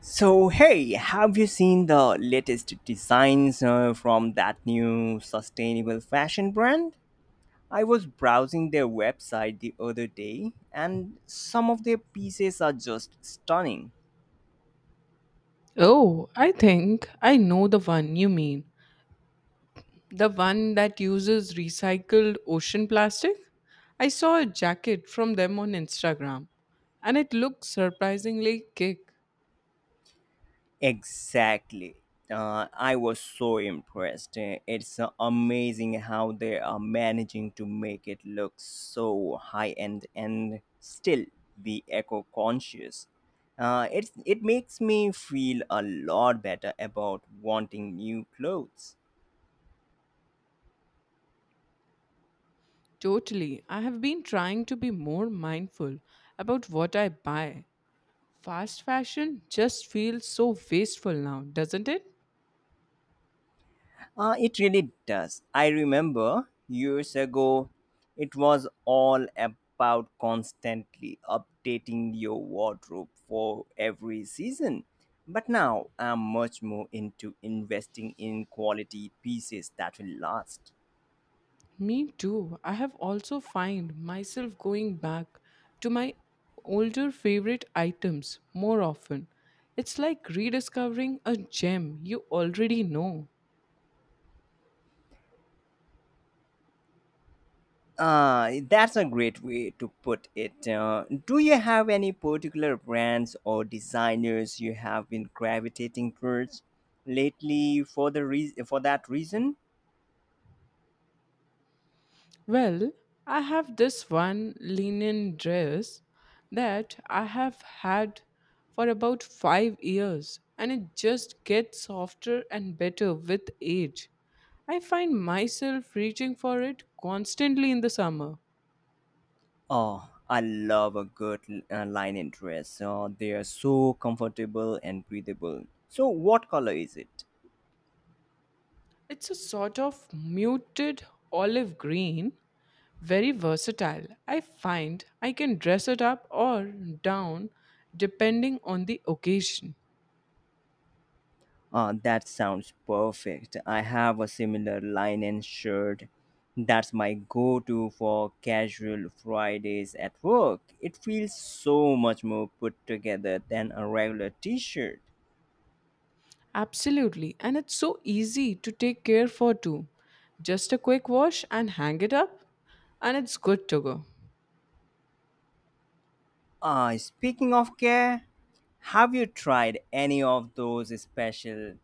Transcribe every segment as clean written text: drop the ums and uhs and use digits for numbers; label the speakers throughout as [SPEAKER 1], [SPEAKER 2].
[SPEAKER 1] So, hey, have you seen the latest designs from that new sustainable fashion brand? I was browsing their website the other day, and some of their pieces are just stunning.
[SPEAKER 2] Oh, I think I know the one you mean. The one that uses recycled ocean plastic? I saw a jacket from them on Instagram and it looked surprisingly kick.
[SPEAKER 1] Exactly. I was so impressed. It's amazing how they are managing to make it look so high end and still be eco conscious. It makes me feel a lot better about wanting new clothes.
[SPEAKER 2] Totally. I have been trying to be more mindful about what I buy. Fast fashion just feels so wasteful now, doesn't it?
[SPEAKER 1] It really does. I remember years ago, it was all about constantly updating your wardrobe for every season. But now I'm much more into investing in quality pieces that will last.
[SPEAKER 2] Me too. I have also find myself going back to my older favorite items more often. It's like rediscovering a gem you already know.
[SPEAKER 1] That's a great way to put it. Do you have any particular brands or designers you have been gravitating towards lately for that reason?
[SPEAKER 2] Well, I have this one linen dress that I have had for about 5 years and it just gets softer and better with age. I find myself reaching for it constantly in the summer.
[SPEAKER 1] Oh, I love a good linen dress. They are so comfortable and breathable. So, what color is it?
[SPEAKER 2] It's a sort of muted olive green, very versatile. I find I can dress it up or down depending on the occasion.
[SPEAKER 1] That sounds perfect. I have a similar linen shirt. That's my go to for casual Fridays at work. It feels so much more put together than a regular t shirt.
[SPEAKER 2] Absolutely, and it's so easy to take care for too. Just a quick wash and hang it up, and it's good to go.
[SPEAKER 1] Speaking of care, have you tried any of those special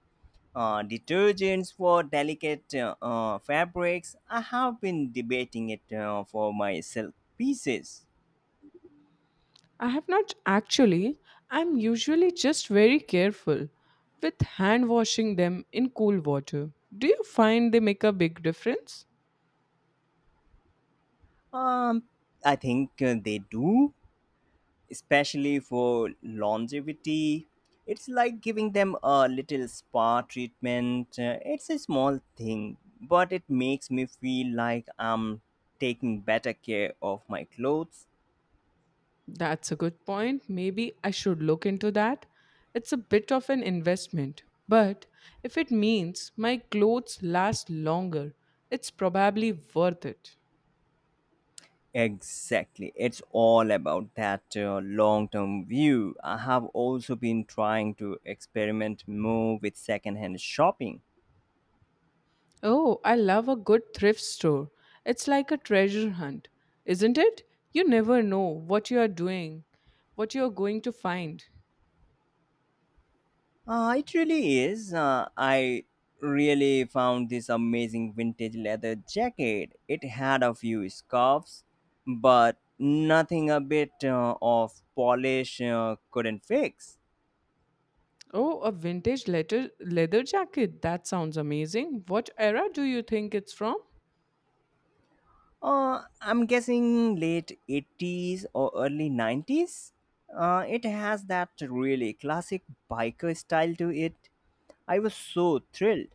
[SPEAKER 1] detergents for delicate fabrics? I have been debating it for my silk pieces.
[SPEAKER 2] I have not actually, I'm usually just very careful with hand washing them in cool water. Do you find they make a big difference?
[SPEAKER 1] Um, I think they do, especially for longevity. It's like giving them a little spa treatment. It's a small thing, but it makes me feel like I'm taking better care of my clothes.
[SPEAKER 2] That's a good point. Maybe I should look into that. It's a bit of an investment, but if it means my clothes last longer, it's probably worth it.
[SPEAKER 1] Exactly. It's all about that long term view. I have also been trying to experiment more with secondhand shopping.
[SPEAKER 2] Oh, I love a good thrift store. It's like a treasure hunt, isn't it? You never know what you are doing, what you are going to find.
[SPEAKER 1] It really is. I really found this amazing vintage leather jacket. It had a few scuffs, but nothing a bit of polish couldn't fix.
[SPEAKER 2] Oh, a vintage leather jacket. That sounds amazing. What era do you think it's from?
[SPEAKER 1] I'm guessing late 80s or early 90s. It has that really classic biker style to it. I was so thrilled.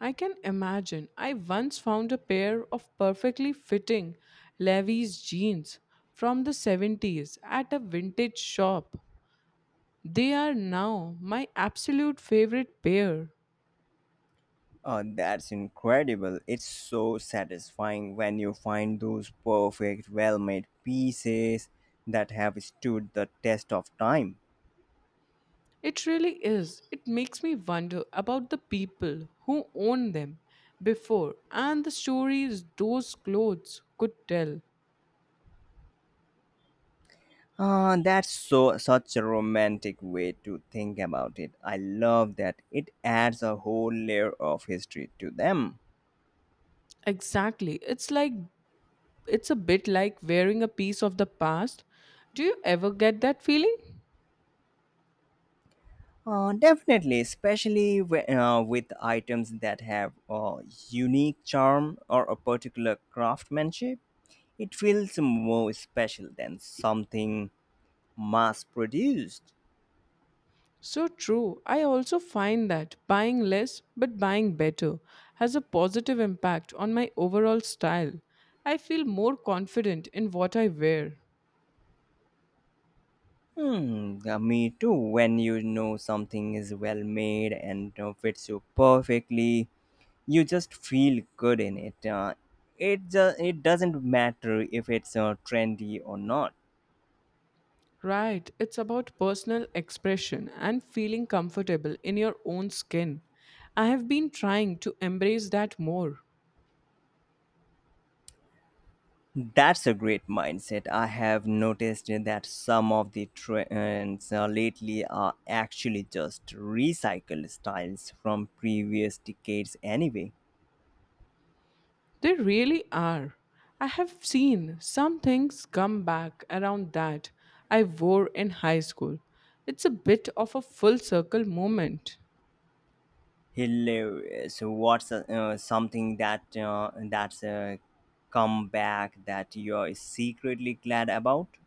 [SPEAKER 2] I can imagine. I once found a pair of perfectly fitting Levi's jeans from the 70s at a vintage shop. They are now my absolute favorite pair.
[SPEAKER 1] Oh, that's incredible. It's so satisfying when you find those perfect, well made pieces that have stood the test of time.
[SPEAKER 2] It really is. It makes me wonder about the people who owned them before and the stories those clothes could tell.
[SPEAKER 1] Ah, that's so such a romantic way to think about it. I love that it adds a whole layer of history to them.
[SPEAKER 2] Exactly. It's a bit like wearing a piece of the past. Do you ever get that feeling?
[SPEAKER 1] Definitely, especially with items that have a unique charm or a particular craftsmanship, it feels more special than something mass produced.
[SPEAKER 2] So true. I also find that buying less but buying better has a positive impact on my overall style. I feel more confident in what I wear.
[SPEAKER 1] Me too. When you know something is well made and fits you perfectly, you just feel good in it. It doesn't matter if it's trendy or not.
[SPEAKER 2] Right, it's about personal expression and feeling comfortable in your own skin. I have been trying to embrace that more.
[SPEAKER 1] That's a great mindset. I have noticed that some of the trends lately are actually just recycled styles from previous decades, anyway.
[SPEAKER 2] They really are. I have seen some things come back around that I wore in high school. It's a bit of a full circle moment.
[SPEAKER 1] Hilarious. What's something that's a comeback that you're secretly glad about?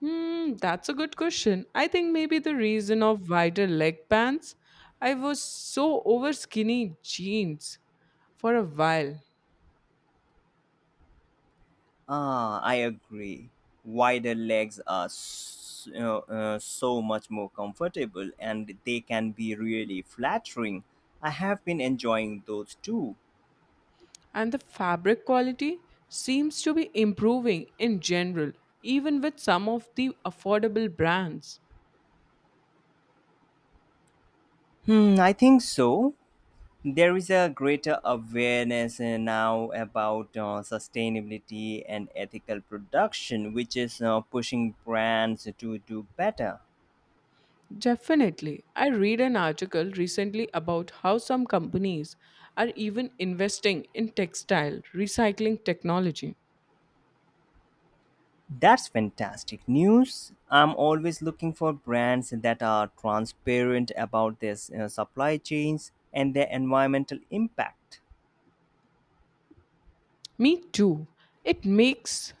[SPEAKER 2] Hmm, that's a good question. I think maybe the reason of wider leg pants. I was so over skinny jeans for a while,
[SPEAKER 1] Ah, I agree. Wider legs are s so much more comfortable, and they can be really flattering. I have been enjoying those too.
[SPEAKER 2] and the fabric quality seems to be improving in general, even with some of the affordable brands.
[SPEAKER 1] Hmm, I think so. There is a greater awareness now about sustainability and ethical production, which is pushing brands to do better.
[SPEAKER 2] Definitely. I read an article recently about how some companies are even investing in textile recycling technology.
[SPEAKER 1] That's fantastic news. I'm always looking for brands that are transparent about their supply chains and their environmental impact.
[SPEAKER 2] Me too. It makes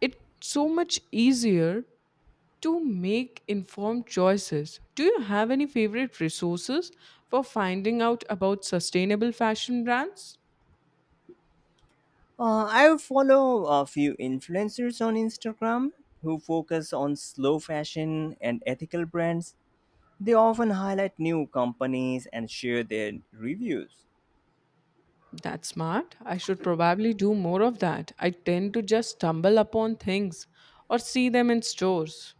[SPEAKER 2] it's so much easier to make informed choices. Do you have any favorite resources for finding out about sustainable fashion brands?
[SPEAKER 1] I follow a few influencers on Instagram who focus on slow fashion and ethical brands. They often highlight new companies and share their reviews.
[SPEAKER 2] That's smart. I should probably do more of that. I tend to just stumble upon things or see them in stores.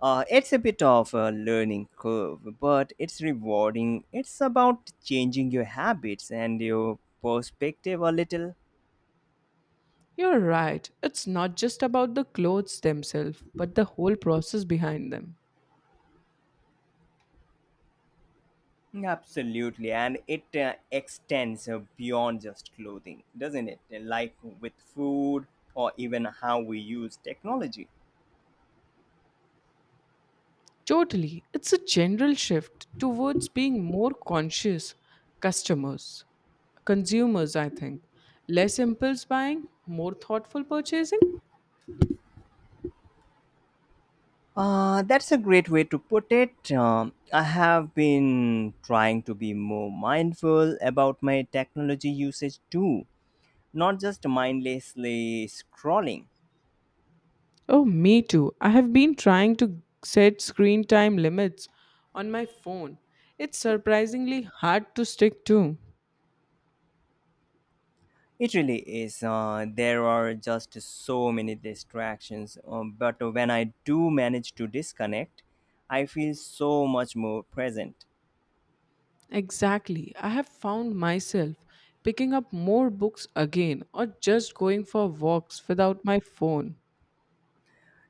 [SPEAKER 1] It's a bit of a learning curve, but it's rewarding. It's about changing your habits and your perspective a little.
[SPEAKER 2] You're right. It's not just about the clothes themselves, but the whole process behind them.
[SPEAKER 1] Absolutely, and it extends beyond just clothing, doesn't it? Like with food or even how we use technology.
[SPEAKER 2] Totally. It's a general shift towards being more conscious customers, consumers, I think. Less impulse buying, more thoughtful purchasing.
[SPEAKER 1] That's a great way to put it. I have been trying to be more mindful about my technology usage too, not just mindlessly scrolling.
[SPEAKER 2] Oh, me too. I have been trying to set screen time limits on my phone. It's surprisingly hard to stick to.
[SPEAKER 1] It really is. There are just so many distractions, but when I do manage to disconnect, I feel so much more present.
[SPEAKER 2] Exactly. I have found myself picking up more books again or just going for walks without my phone.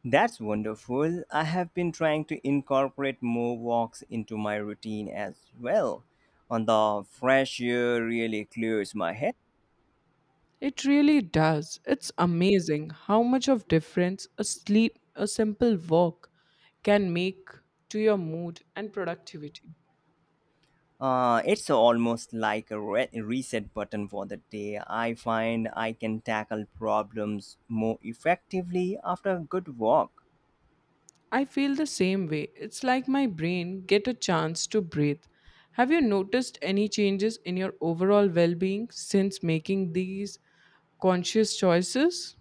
[SPEAKER 1] That's wonderful. I have been trying to incorporate more walks into my routine as well. And the fresh air really clears my head.
[SPEAKER 2] It really does. It's amazing how much of difference a simple walk can make to your mood and productivity.
[SPEAKER 1] It's almost like a reset button for the day. I find I can tackle problems more effectively after a good walk.
[SPEAKER 2] I feel the same way. It's like my brain get a chance to breathe. Have you noticed any changes in your overall well-being since making these conscious choices?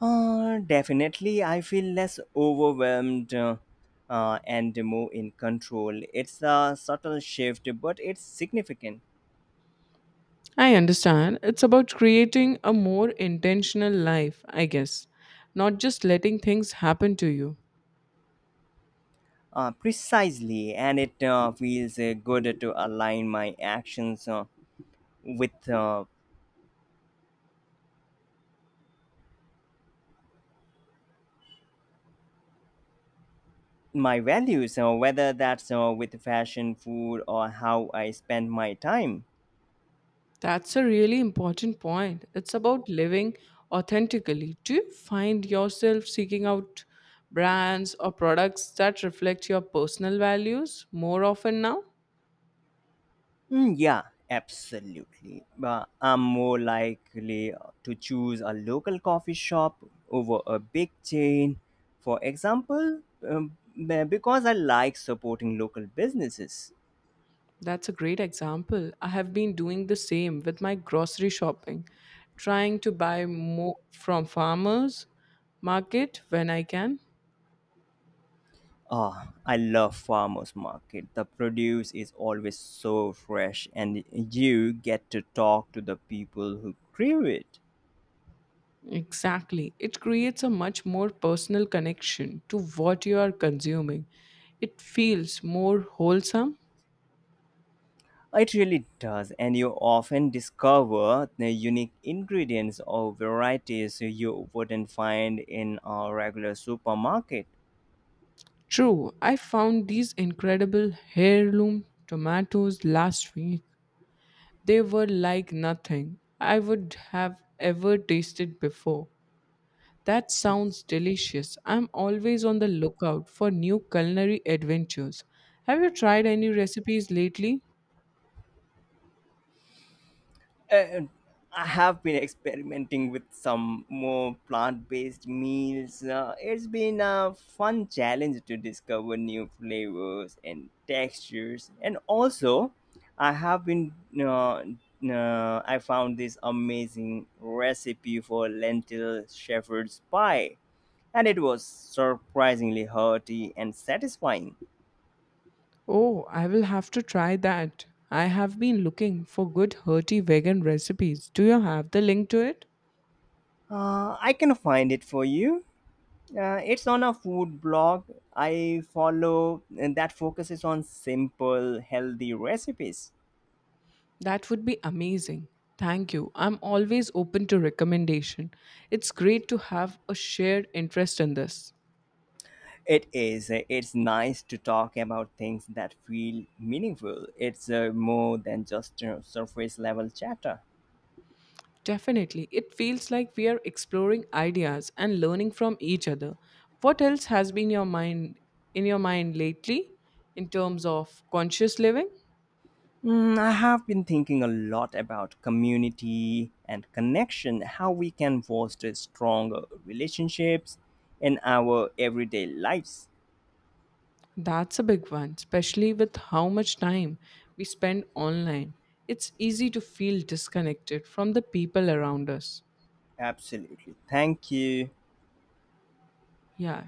[SPEAKER 1] Definitely, I feel less overwhelmed and more in control. It's a subtle shift, but it's significant.
[SPEAKER 2] I understand. It's about creating a more intentional life, I guess, not just letting things happen to you.
[SPEAKER 1] Precisely, and it feels good to align my actions with my values, whether that's with fashion, food, or how I spend my time.
[SPEAKER 2] That's a really important point. It's about living authentically. Do you find yourself seeking out brands or products that reflect your personal values more often now?
[SPEAKER 1] Mm, yeah, absolutely. But I'm more likely to choose a local coffee shop over a big chain, for example, because I like supporting local businesses.
[SPEAKER 2] That's a great example. I have been doing the same with my grocery shopping, trying to buy more from farmers market when I can.
[SPEAKER 1] Ah, I love farmers market. The produce is always so fresh and you get to talk to the people who grew it.
[SPEAKER 2] Exactly. It creates a much more personal connection to what you are consuming. It feels more wholesome.
[SPEAKER 1] It really does, and you often discover the unique ingredients or varieties you wouldn't find in a regular supermarket.
[SPEAKER 2] True, I found these incredible heirloom tomatoes last week. They were like nothing I would have ever tasted before. That sounds delicious. I'm always on the lookout for new culinary adventures. Have you tried any recipes lately?
[SPEAKER 1] And I have been experimenting with some more plant-based meals. It's been a fun challenge to discover new flavors and textures. And also, I have been uh, I found this amazing recipe for lentil shepherd's pie, and it was surprisingly hearty and satisfying.
[SPEAKER 2] Oh, I will have to try that. I have been looking for good hearty vegan recipes. Do you have the link to it?
[SPEAKER 1] I can find it for you. It's on a food blog I follow and that focuses on simple, healthy recipes.
[SPEAKER 2] That would be amazing. Thank you. I'm always open to recommendation. It's great to have a shared interest in this.
[SPEAKER 1] It is. It's nice to talk about things that feel meaningful. It's more than just surface level chatter.
[SPEAKER 2] Definitely. It feels like we are exploring ideas and learning from each other. What else has been your mind in your mind lately in terms of conscious living?
[SPEAKER 1] Mm, I have been thinking a lot about community and connection, how we can foster stronger relationships in our everyday lives.
[SPEAKER 2] That's a big one, especially with how much time we spend online. It's easy to feel disconnected from the people around us.
[SPEAKER 1] Absolutely. Thank you.
[SPEAKER 2] Yeah,